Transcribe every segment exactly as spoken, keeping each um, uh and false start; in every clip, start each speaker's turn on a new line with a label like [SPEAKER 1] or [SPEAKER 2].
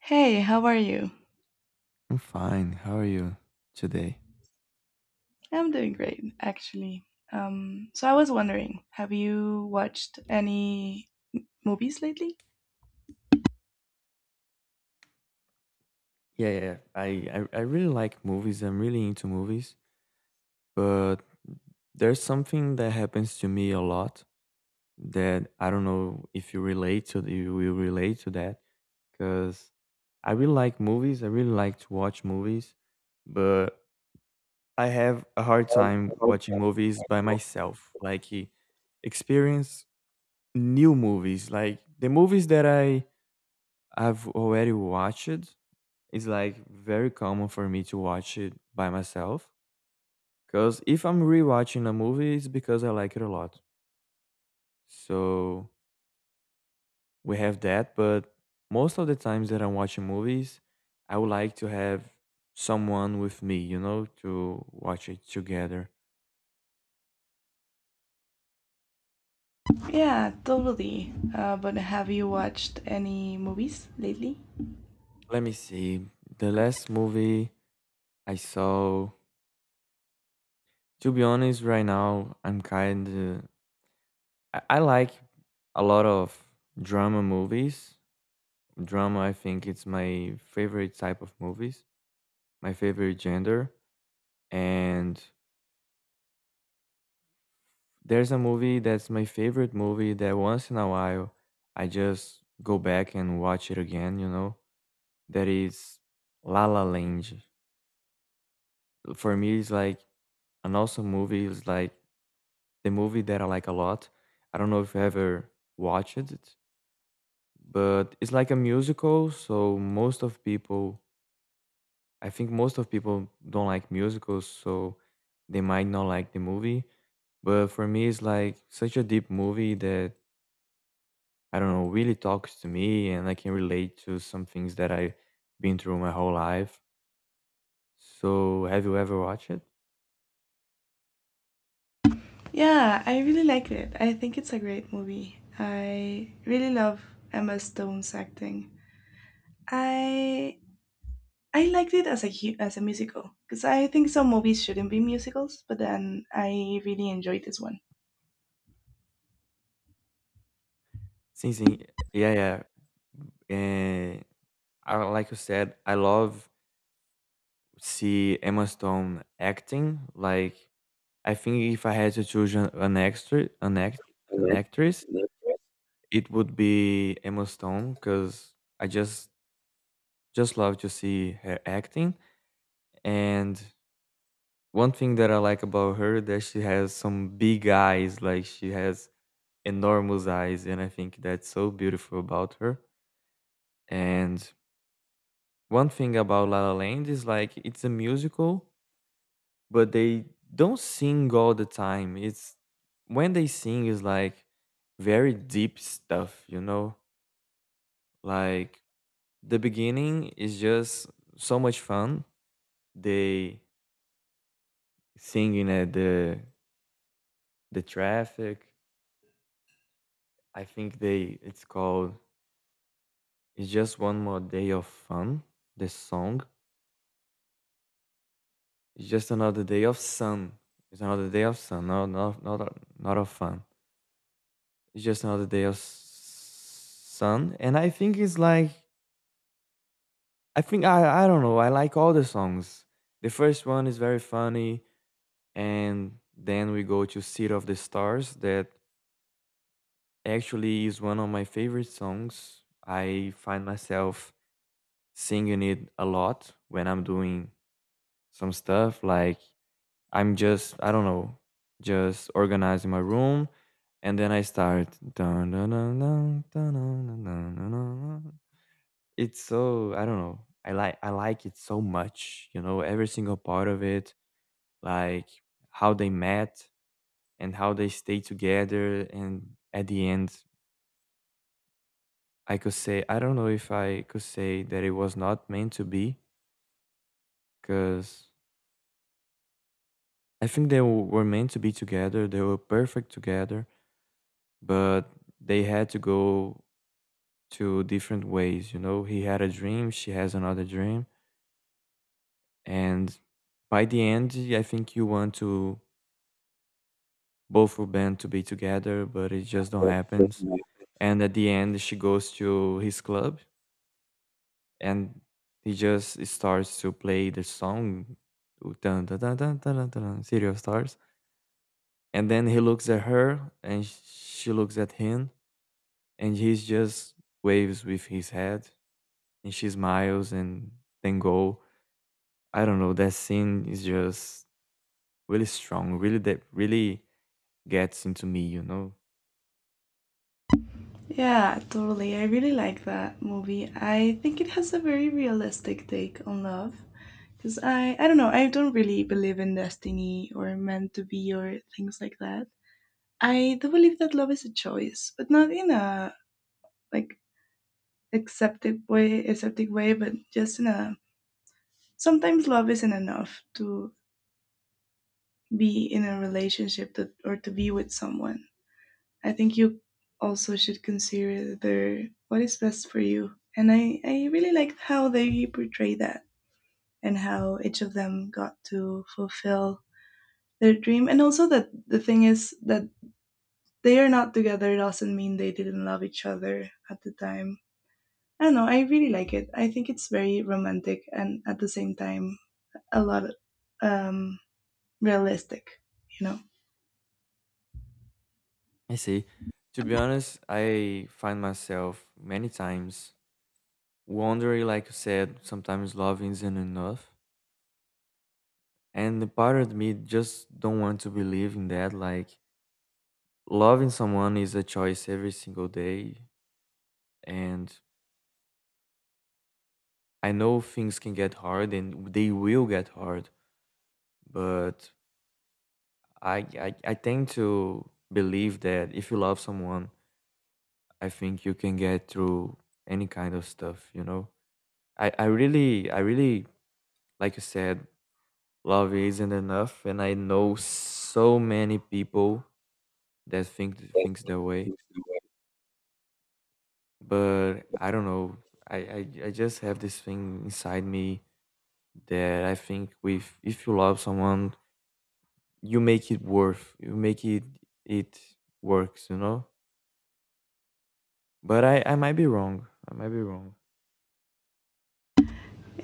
[SPEAKER 1] Hey, how are you?
[SPEAKER 2] I'm fine. How are you today?
[SPEAKER 1] I'm doing great, actually. Um, so I was wondering, have you watched any movies lately?
[SPEAKER 2] Yeah, yeah. I, I, I really like movies. I'm really into movies. But there's something that happens to me a lot that I don't know if you relate to, you will relate to that. Because I really like movies. I really like to watch movies. But I have a hard time watching movies by myself. Like, e- experience new movies. Like, the movies that I, I've already watched, it's like very common for me to watch it by myself. Because if I'm rewatching a movie, it's because I like it a lot. So we have that. But most of the times that I'm watching movies, I would like to have someone with me, you know, to watch it together.
[SPEAKER 1] Yeah, totally. Uh, but have you watched any movies lately?
[SPEAKER 2] Let me see. The last movie I saw, to be honest, right now, I'm kind of. I, I like a lot of drama movies. Drama, I think it's my favorite type of movies, my favorite gender. And there's a movie that's my favorite movie that once in a while I just go back and watch it again, you know? That is La La Land. For me, it's like an awesome movie. It's like the movie that I like a lot. I don't know if you ever watched it, but it's like a musical, so most of people I think most of people don't like musicals, so they might not like the movie. But for me, it's like such a deep movie that I don't know really talks to me, and I can relate to some things that I've been through my whole life. So, have you ever watched it?
[SPEAKER 1] Yeah, I really liked it. I think it's a great movie. I really love Emma Stone's acting. I I liked it as a hu- as a musical because I think some movies shouldn't be musicals, but then I really enjoyed this one.
[SPEAKER 2] Sim, sim. Yeah, yeah. And I, like you said, I love see Emma Stone acting. Like I think if I had to choose an, an extra, an act, an actress, it would be Emma Stone because I just just love to see her acting. And one thing that I like about her that she has some big eyes, like she has enormous eyes, and I think that's so beautiful about her. And one thing about La La Land is like it's a musical, but they don't sing all the time. It's when they sing is like very deep stuff, you know, like the beginning is just so much fun. They singing at the the traffic. I think they it's called it's just one more day of fun. The song it's just another day of sun. It's another day of sun. No, not not not of fun. It's just another day of sun. And I think it's like I think I I don't know. I like all the songs. The first one is very funny, and then we go to City of the Stars that actually, is one of my favorite songs. I find myself singing it a lot when I'm doing some stuff. Like I'm just, I don't know, just organizing my room, and then I start. Dun, dun, dun, dun, dun, dun, dun, dun, dun, dun, it's so I don't know. I like I like it so much. You know, every single part of it, like how they met and how they stay together, and at the end I could say I don't know if I could say that it was not meant to be because I think they w- were meant to be together. They were perfect together, but they had to go to different ways. You know, he had a dream, she has another dream, and by the end, I think you want to both of them to be together, but it just don't happens. And at the end, she goes to his club and he just starts to play the song dun, dun, dun, dun, dun, dun, dun, city of stars and then he looks at her and she looks at him and he just waves with his head and she smiles and then go. I don't know, that scene is just really strong, really that really gets into me, you know.
[SPEAKER 1] Yeah, totally. I really like that movie. I think it has a very realistic take on love. Because I, I don't know, I don't really believe in destiny or meant to be or things like that. I do believe that love is a choice, but not in a like accepted way, accepted way, but just in a sometimes love isn't enough to be in a relationship that, or to be with someone. I think you also should consider what is best for you. And I, I really liked how they portray that and how each of them got to fulfill their dream. And also that the thing is that they are not together doesn't mean they didn't love each other at the time. I don't know, I really like it. I think it's very romantic and at the same time a lot um realistic, you know?
[SPEAKER 2] I see. To be honest, I find myself many times wondering, like you said, sometimes love isn't enough. And the part of me just don't want to believe in that. Like loving someone is a choice every single day. And I know things can get hard and they will get hard. But I I, I tend to believe that if you love someone, I think you can get through any kind of stuff, you know? I, I really I really, like you said, love isn't enough and I know so many people that think thinks that way. But I don't know. I, I I just have this thing inside me that I think with if you love someone, you make it worth. You make it it works. You know. But I I might be wrong. I might be wrong.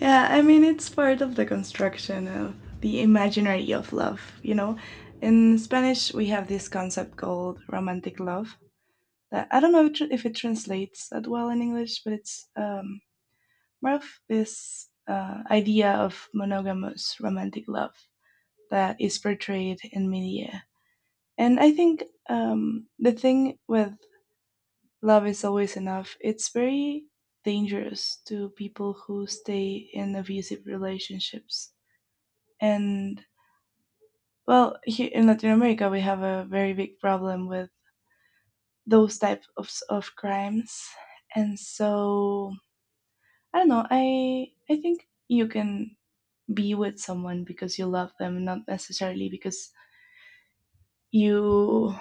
[SPEAKER 1] Yeah, I mean, it's part of the construction of the imaginary of love, you know? In Spanish, we have this concept called romantic love. That I don't know if tr- if it translates that well in English, but it's um, more of this uh, idea of monogamous romantic love that is portrayed in media. And I think, um, the thing with love is always enough, it's very dangerous to people who stay in abusive relationships. And, well, here in Latin America, we have a very big problem with those type of, s- of crimes. And so, I don't know, i i think you can be with someone because you love them, not necessarily because you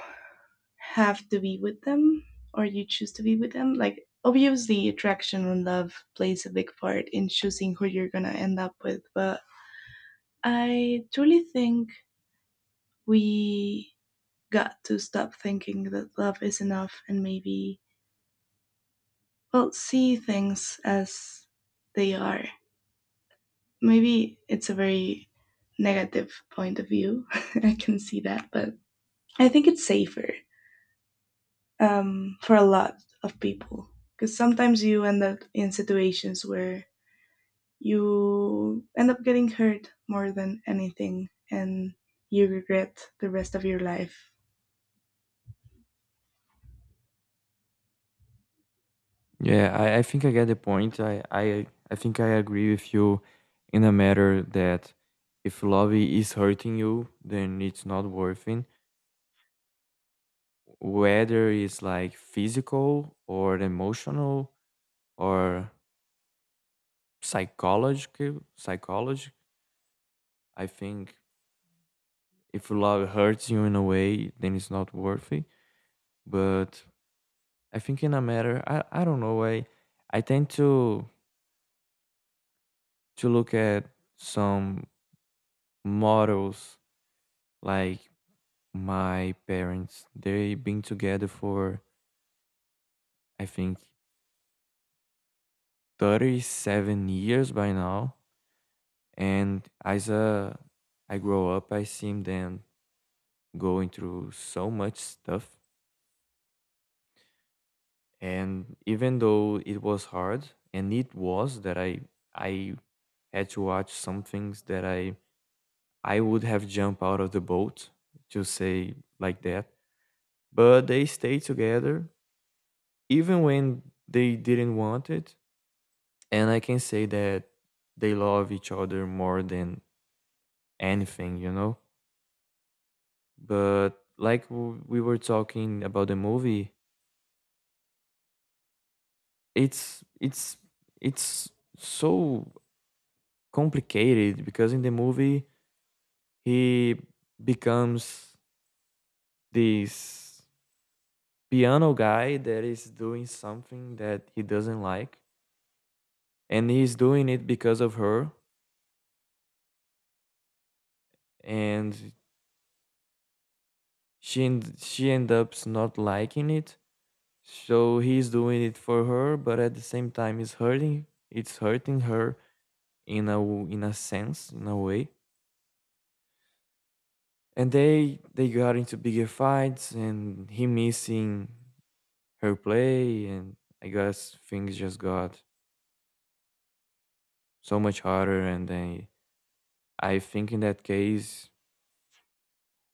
[SPEAKER 1] have to be with them or you choose to be with them. Like, obviously attraction and love plays a big part in choosing who you're gonna end up with, but I truly think we got to stop thinking that love is enough and maybe, well, see things as they are. Maybe it's a very negative point of view. I can see that, but I think it's safer, um, for a lot of people, because sometimes you end up in situations where you end up getting hurt more than anything and you regret the rest of your life.
[SPEAKER 2] Yeah, I, I think I get the point. I, I I think I agree with you in a matter that if love is hurting you, then it's not worth it. Whether it's like physical or emotional or psychological psychology. I think if love hurts you in a way then it's not worth it. But I think in a matter i, I don't know. I i tend to to look at some models like my parents they've been together for I think thirty-seven years by now and as a I grow up I seen them going through so much stuff and even though it was hard and it was that i I had to watch some things that i I would have jumped out of the boat to say like that, but they stayed together even when they didn't want it. And I can say that they love each other more than anything, you know. But like w- we were talking about the movie, it's it's it's so complicated because in the movie he becomes this piano guy that is doing something that he doesn't like and he's doing it because of her. And she end- she ends up not liking it, so he's doing it for her but at the same time it's hurting it's hurting her in a w- in a sense, in a way. And they they got into bigger fights and he missing her play. And I guess things just got so much harder and then I think in that case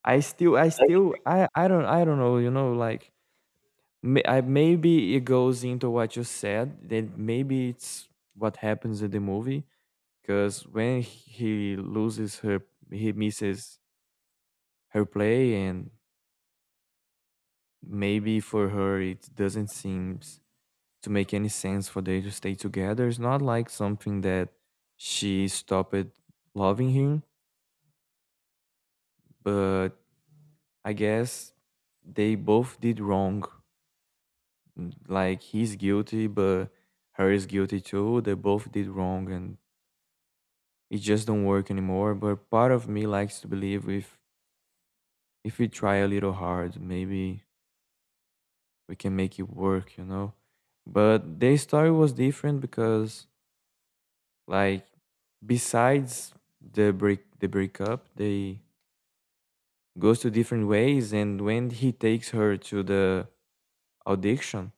[SPEAKER 2] I still I still I I don't I don't know, you know, like may, I, maybe it goes into what you said, that maybe it's what happens in the movie. Because when he loses her he misses her play and maybe for her it doesn't seem to make any sense for they to stay together. It's not like something that she stopped loving him, but I guess they both did wrong. Mm, Like he's guilty, but her is guilty too. They both did wrong, and it just don't work anymore. But part of me likes to believe if if we try a little hard, maybe we can make it work. You know. But their story was different because, like, besides the break the breakup, they goes to different ways. And when he takes her to the audition,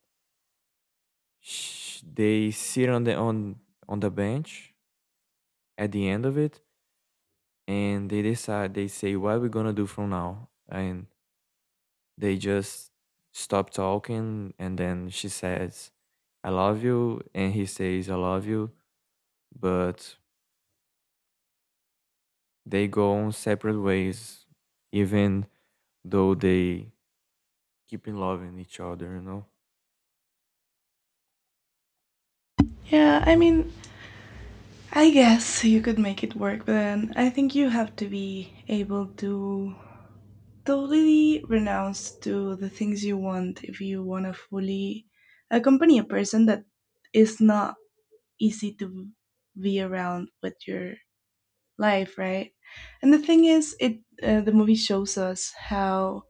[SPEAKER 2] sh- they sit on the on on the bench at the end of it, and they decide they say what are we gonna do from now. And they just stop talking and then she says I love you and he says I love you, but they go on separate ways even though they keep in loving each other, you know.
[SPEAKER 1] Yeah, I mean, I guess you could make it work, but then I think you have to be able to totally renounce to the things you want if you want to fully accompany a person that is not easy to be around with your life, right? And the thing is, it uh, the movie shows us how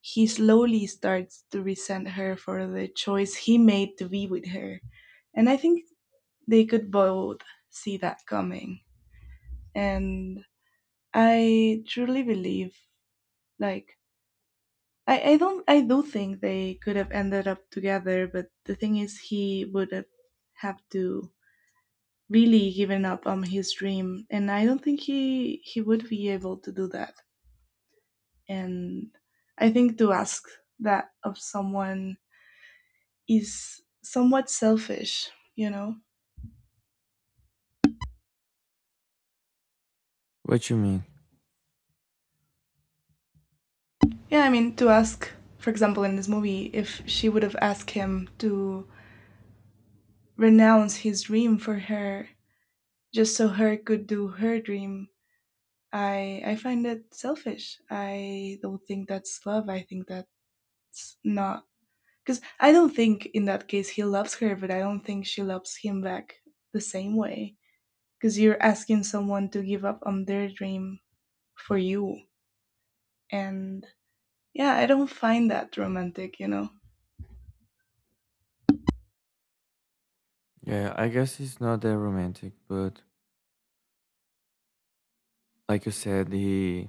[SPEAKER 1] he slowly starts to resent her for the choice he made to be with her, and I think they could both see that coming. And I truly believe, like, I, I don't I do think they could have ended up together, but the thing is he would have have to really given up on his dream, and I don't think he he would be able to do that. And I think to ask that of someone is somewhat selfish, you know?
[SPEAKER 2] What you mean?
[SPEAKER 1] Yeah, I mean, to ask, for example, in this movie, if she would have asked him to renounce his dream for her just so her could do her dream. I I find it selfish. I don't think that's love. I think that's not, because I don't think in that case he loves her, but I don't think she loves him back the same way. Because you're asking someone to give up on their dream for you, and yeah, I don't find that romantic. You know.
[SPEAKER 2] Yeah, I guess it's not that romantic, but like you said he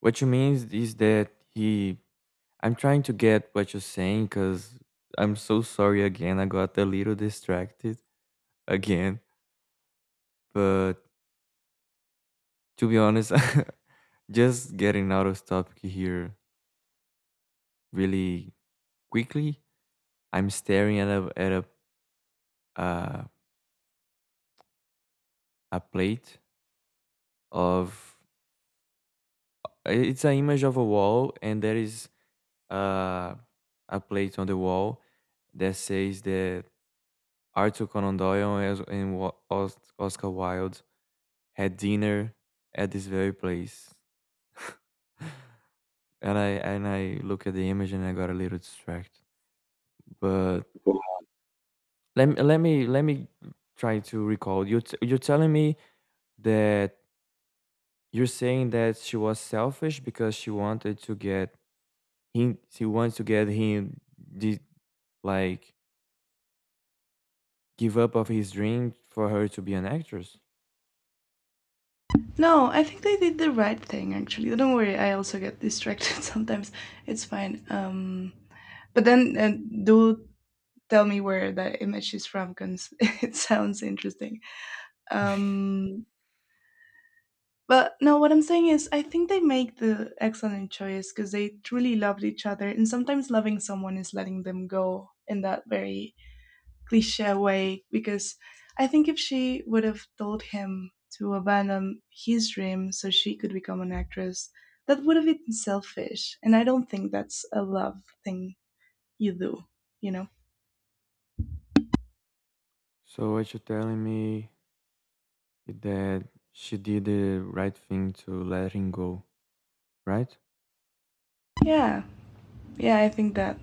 [SPEAKER 2] what you mean is, is that he I'm trying to get what you're saying because I'm so sorry again. I got a little distracted again. But to be honest, just getting out of topic here really quickly. I'm staring at a at a uh, a plate of it's an image of a wall, and there is uh, a plate on the wall that says that Arthur Conan Doyle and Os- and Wa- Os- Oscar Wilde had dinner at this very place. And I and I look at the image and I got a little distracted. But let me let me let me try to recall. You t- you're telling me that you're saying that she was selfish because she wanted to get him. She wants to get him. The, like give up of his dream for her to be an actress.
[SPEAKER 1] No, I think they did the right thing actually. Don't worry, I also get distracted sometimes. It's fine. Um, but then uh, do tell me where that image is from because it sounds interesting. Um, but no, what I'm saying is, I think they make the excellent choice because they truly loved each other, and sometimes loving someone is letting them go in that very cliche way. Because I think if she would have told him to abandon his dream so she could become an actress, that would have been selfish, and I don't think that's a love thing you do, you know?
[SPEAKER 2] So what you're telling me is that she did the right thing to let him go, right?
[SPEAKER 1] Yeah, yeah, I think that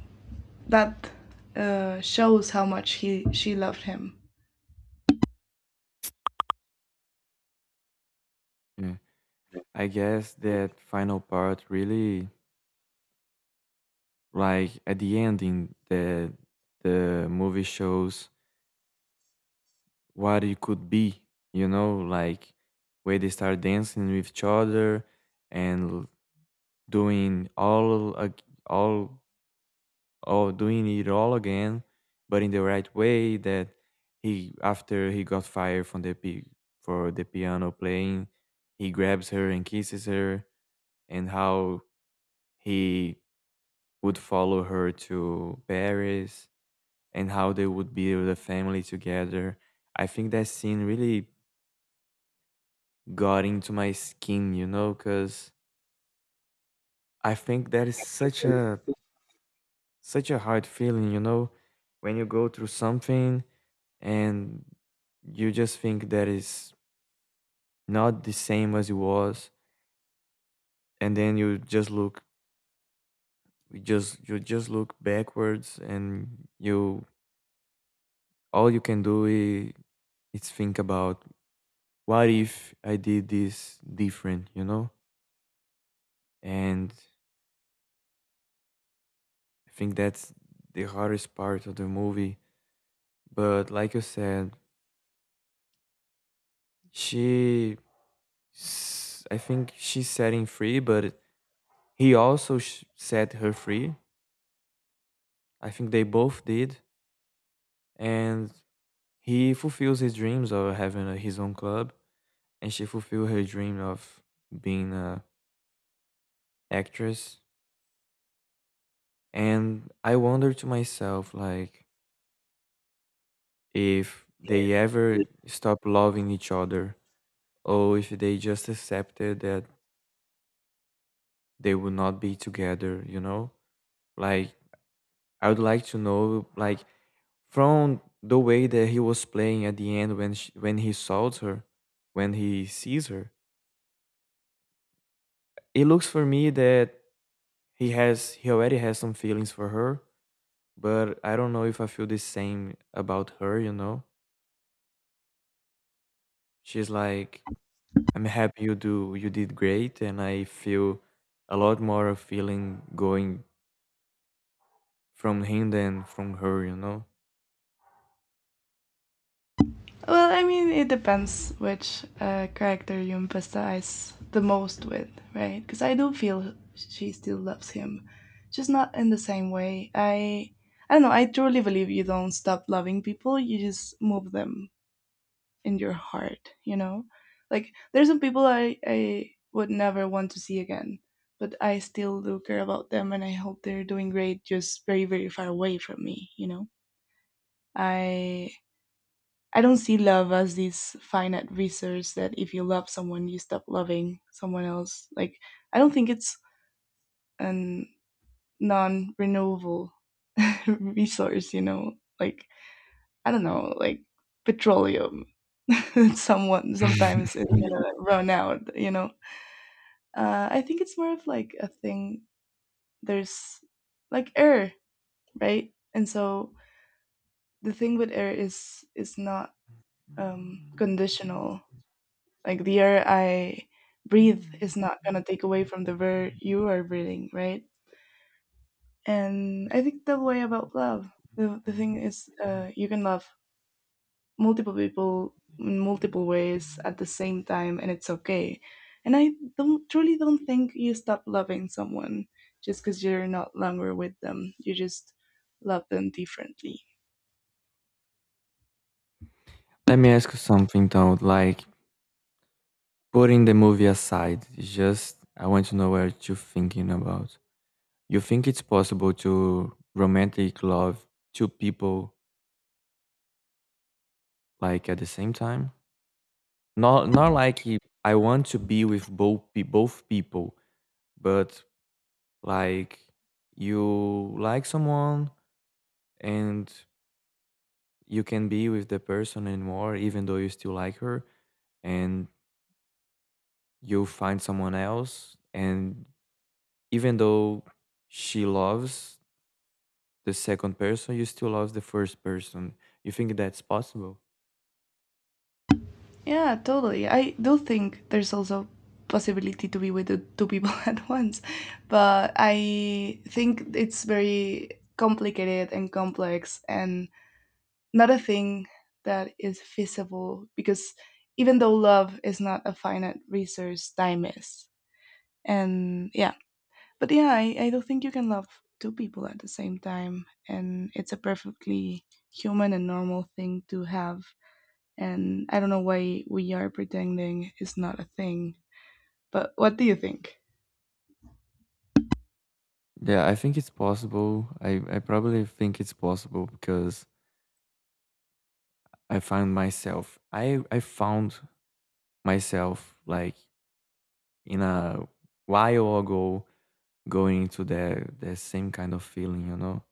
[SPEAKER 1] that uh, shows how much he she loved him.
[SPEAKER 2] Yeah. I guess that final part really, like at the ending, the the movie shows what it could be, you know, like where they start dancing with each other and l- doing all ag- all all doing it all again, but in the right way that he after he got fired from the pi- for the piano playing, he grabs her and kisses her, and how he would follow her to Paris and how they would build a family together. I think that scene really got into my skin, you know, because I think that is such a such a hard feeling, you know. When you go through something and you just think that is not the same as it was, and then you just look you just you just look backwards and you all you can do is, is think about what if I did this different, you know? And I think that's the hardest part of the movie. But like you said, she, s- I think she's setting free, but he also sh- set her free. I think they both did. And he fulfills his dreams of having a, his own club, and she fulfilled her dream of being a actress. And I wonder to myself, like, if they ever stop loving each other, or if they just accepted that they would not be together, you know? Like, I would like to know, like, from the way that he was playing at the end when she, when he saws her, when he sees her, it looks for me that he has he already has some feelings for her, but I don't know if I feel the same about her, you know? She's like, I'm happy you do you did great, and I feel a lot more of feeling going from him than from her, you know?
[SPEAKER 1] Well, I mean, it depends which uh, character you empathize the most with, right? Because I do feel she still loves him, just not in the same way. I I don't know. I truly believe you don't stop loving people; you just move them in your heart, you know? Like, there's some people i i would never want to see again, but I still do care about them, and I hope they're doing great, just very very far away from me, you know? I i don't see love as this finite resource that if you love someone you stop loving someone else. Like, I don't think it's an non-renewable resource, you know? Like, I don't know, like petroleum. Someone sometimes it's gonna run out, you know? Uh, I think it's more of like a thing. There's, like, air, right? And so the thing with air is is not, um,
[SPEAKER 2] Mhm.
[SPEAKER 1] conditional. Like, the air I breathe is not gonna take away from the air you are breathing, right? And I think the way about love, the the thing is, uh, you can love multiple people in multiple ways at the same time, and it's okay. And I don't truly don't think you stop loving someone just because you're not longer with them. You just love them differently.
[SPEAKER 2] Let me ask you something though, like, putting the movie aside, just I want to know what you're thinking about. You think it's possible to romantic love two people, like, at the same time? Not not like he- I want to be with both pe- both people, but, like, you like someone, and you can be with the person anymore even though you still like her, and you find someone else, and even though she loves the second person, you still love the first person. You think that's possible?
[SPEAKER 1] Yeah, totally. I do think there's also possibility to be with the two people at once, but I think it's very complicated and complex and not a thing that is feasible, because even though love is not a finite resource, time is. And yeah, but yeah, I, I don't think you can love two people at the same time. And it's a perfectly human and normal thing to have. And I don't know why we are pretending it's not a thing. But what do you think?
[SPEAKER 2] Yeah, I think it's possible. i, I probably think it's possible because i found myself i i found myself, like, in a while ago going into that that same kind of feeling, you know.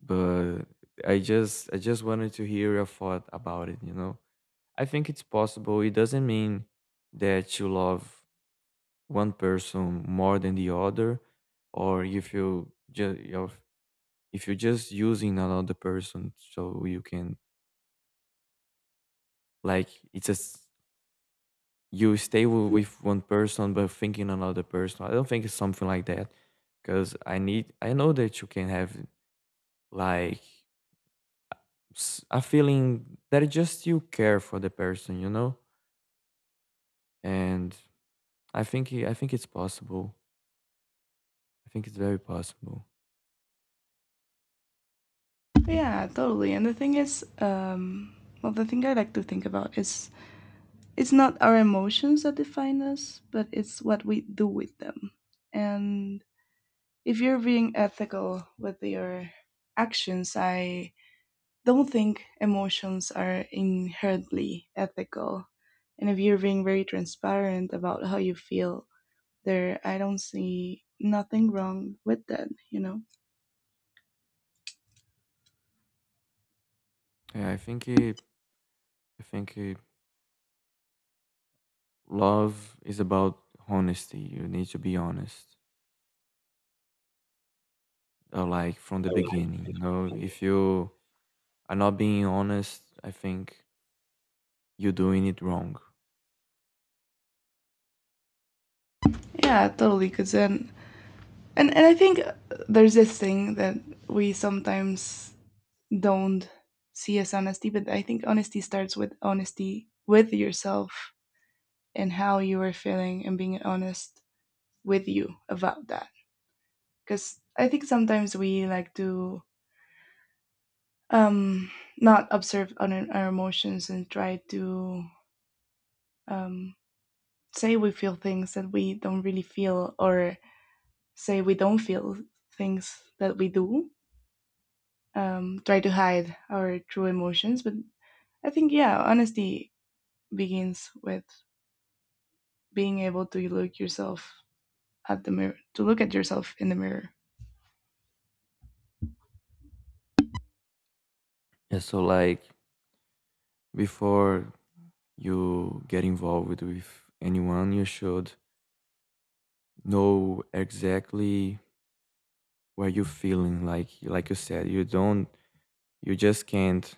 [SPEAKER 2] But I just I just wanted to hear your thought about it, you know. I think it's possible. It doesn't mean that you love one person more than the other, or if you just you're, if you're just using another person so you can, like, it's just you stay wi- with one person but thinking another person. I don't think it's something like that, because I need I know that you can have, like, s- a feeling that it just you care for the person, you know? And I think i- I think it's possible. I think it's very possible.
[SPEAKER 1] Yeah, totally. And the thing is, um, well, the thing I like to think about is it's not our emotions that define us, but it's what we do with them. And if you're being ethical with your actions, I don't think emotions are inherently ethical. And if you're being very transparent about how you feel there, I don't see nothing wrong with that, you know?
[SPEAKER 2] Yeah, I think it, I think it, love is about honesty. You need to be honest, uh, like, from the beginning. You know, if you are not being honest, I think you're doing it wrong.
[SPEAKER 1] Yeah, totally. Because then, and, and I think there's this thing that we sometimes don't see as honesty, but I think honesty starts with honesty with yourself and how you are feeling, and being honest with you about that. Because I think sometimes we like to, um, not observe on our emotions, and try to, um, say we feel things that we don't really feel, or say we don't feel things that we do. Um, try to hide our true emotions, but I think, yeah, honesty begins with being able to look yourself at the mirror to look at yourself in the mirror.
[SPEAKER 2] Yeah. So, like, before you get involved with anyone, you should know exactly where you're feeling, like like you said, you don't, you just can't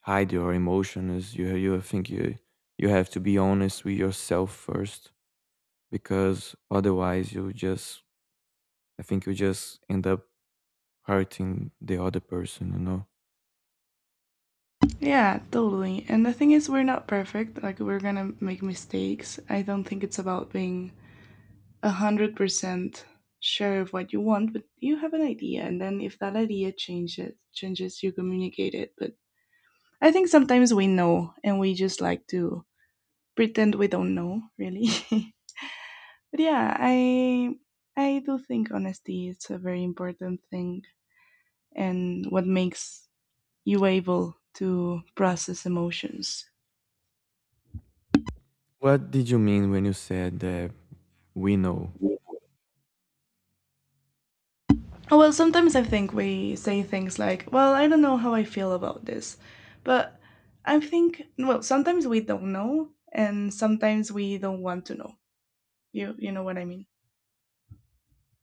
[SPEAKER 2] hide your emotions. You you think you you have to be honest with yourself first, because otherwise you just, I think you just end up hurting the other person, you know?
[SPEAKER 1] Yeah, totally. And the thing is, we're not perfect. Like, we're gonna make mistakes. I don't think it's about being a hundred percent sure of what you want, but you have an idea. And then if that idea changes changes you communicate it. But I think sometimes we know, and we just like to pretend we don't know really. But yeah, i i do think honesty is a very important thing. And what makes you able to process emotions?
[SPEAKER 2] What did you mean when you said that we know?
[SPEAKER 1] Oh, well, sometimes I think we say things like, well, I don't know how I feel about this. But I think, well, sometimes we don't know and sometimes we don't want to know. You, you know what I mean?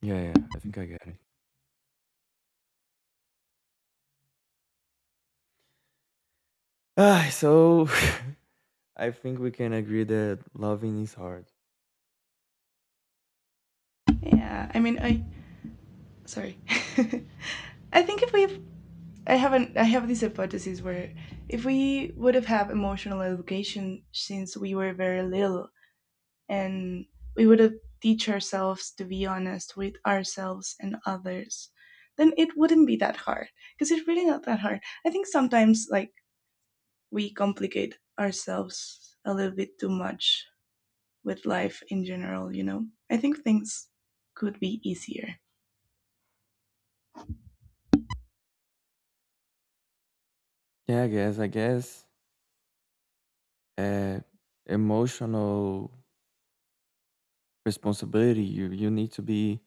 [SPEAKER 2] Yeah, yeah, I think I get it. Ah, so I think we can agree that loving is hard.
[SPEAKER 1] Yeah, I mean, I, sorry. I think if we I haven't, I have this hypothesis where if we would have had emotional education since we were very little, and we would teach ourselves to be honest with ourselves and others, then it wouldn't be that hard, because it's really not that hard. I think sometimes, like, we complicate ourselves a little bit too much with life in general, you know? I think things could be easier.
[SPEAKER 2] Yeah, i guess I guess, uh, emotional responsibility, you you need to be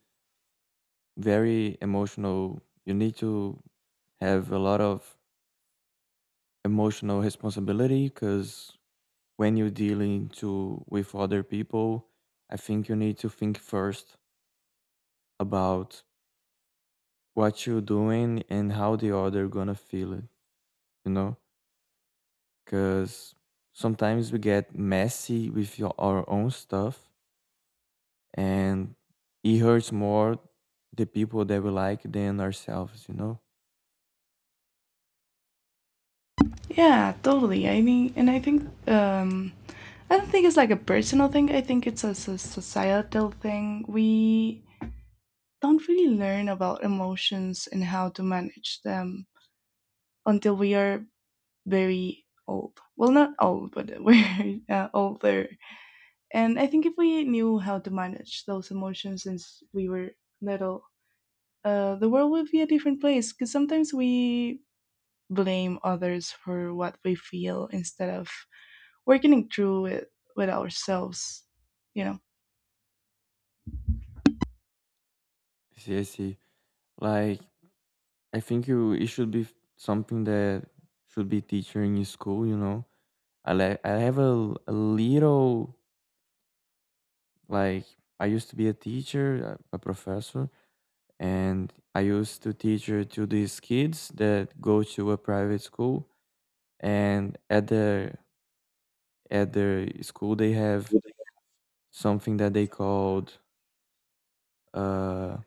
[SPEAKER 2] very emotional, you need to have a lot of emotional responsibility, because when you're dealing to with other people, I think you need to think first about what you're doing and how the other gonna feel it, you know? Because sometimes we get messy with your, our own stuff, and it hurts more the people that we like than ourselves, you know.
[SPEAKER 1] Yeah, totally. I mean, and I think, um, I don't think it's like a personal thing. I think it's a, s- societal thing. We don't really learn about emotions and how to manage them until we are very old. Well, not old, but we're, uh, older. And I think if we knew how to manage those emotions since we were little, uh, the world would be a different place. Because sometimes we blame others for what we feel, instead of working through it with ourselves, you know?
[SPEAKER 2] I see, I see. Like, I think you it should be something that should be teacher in school, you know. I like I have a, a little like I used to be a teacher, a, a professor, and I used to teach her to these kids that go to a private school, and at their at their school they have something that they called, uh,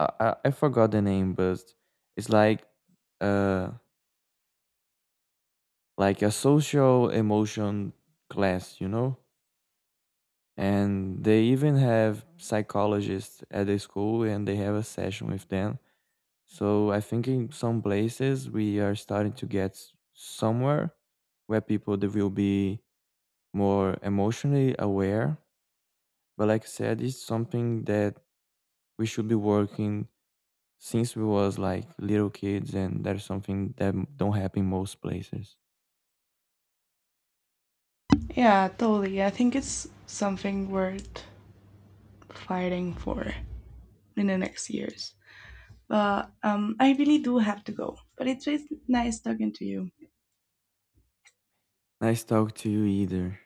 [SPEAKER 2] I, I I forgot the name, but it's like, uh, like a social emotion class, you know? And they even have psychologists at the school, and they have a session with them. So I think in some places we are starting to get s- somewhere where people they will be more emotionally aware. But like I said, it's something that we should be working since we was like little kids, and that's something that m- don't happen most places.
[SPEAKER 1] Yeah, totally. I think it's something worth fighting for in the next years. But um, I really do have to go. But it's has nice talking to you.
[SPEAKER 2] Nice talk to you either.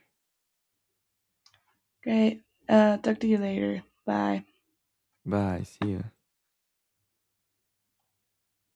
[SPEAKER 1] Okay, uh, talk to you later. Bye.
[SPEAKER 2] Bye, see ya.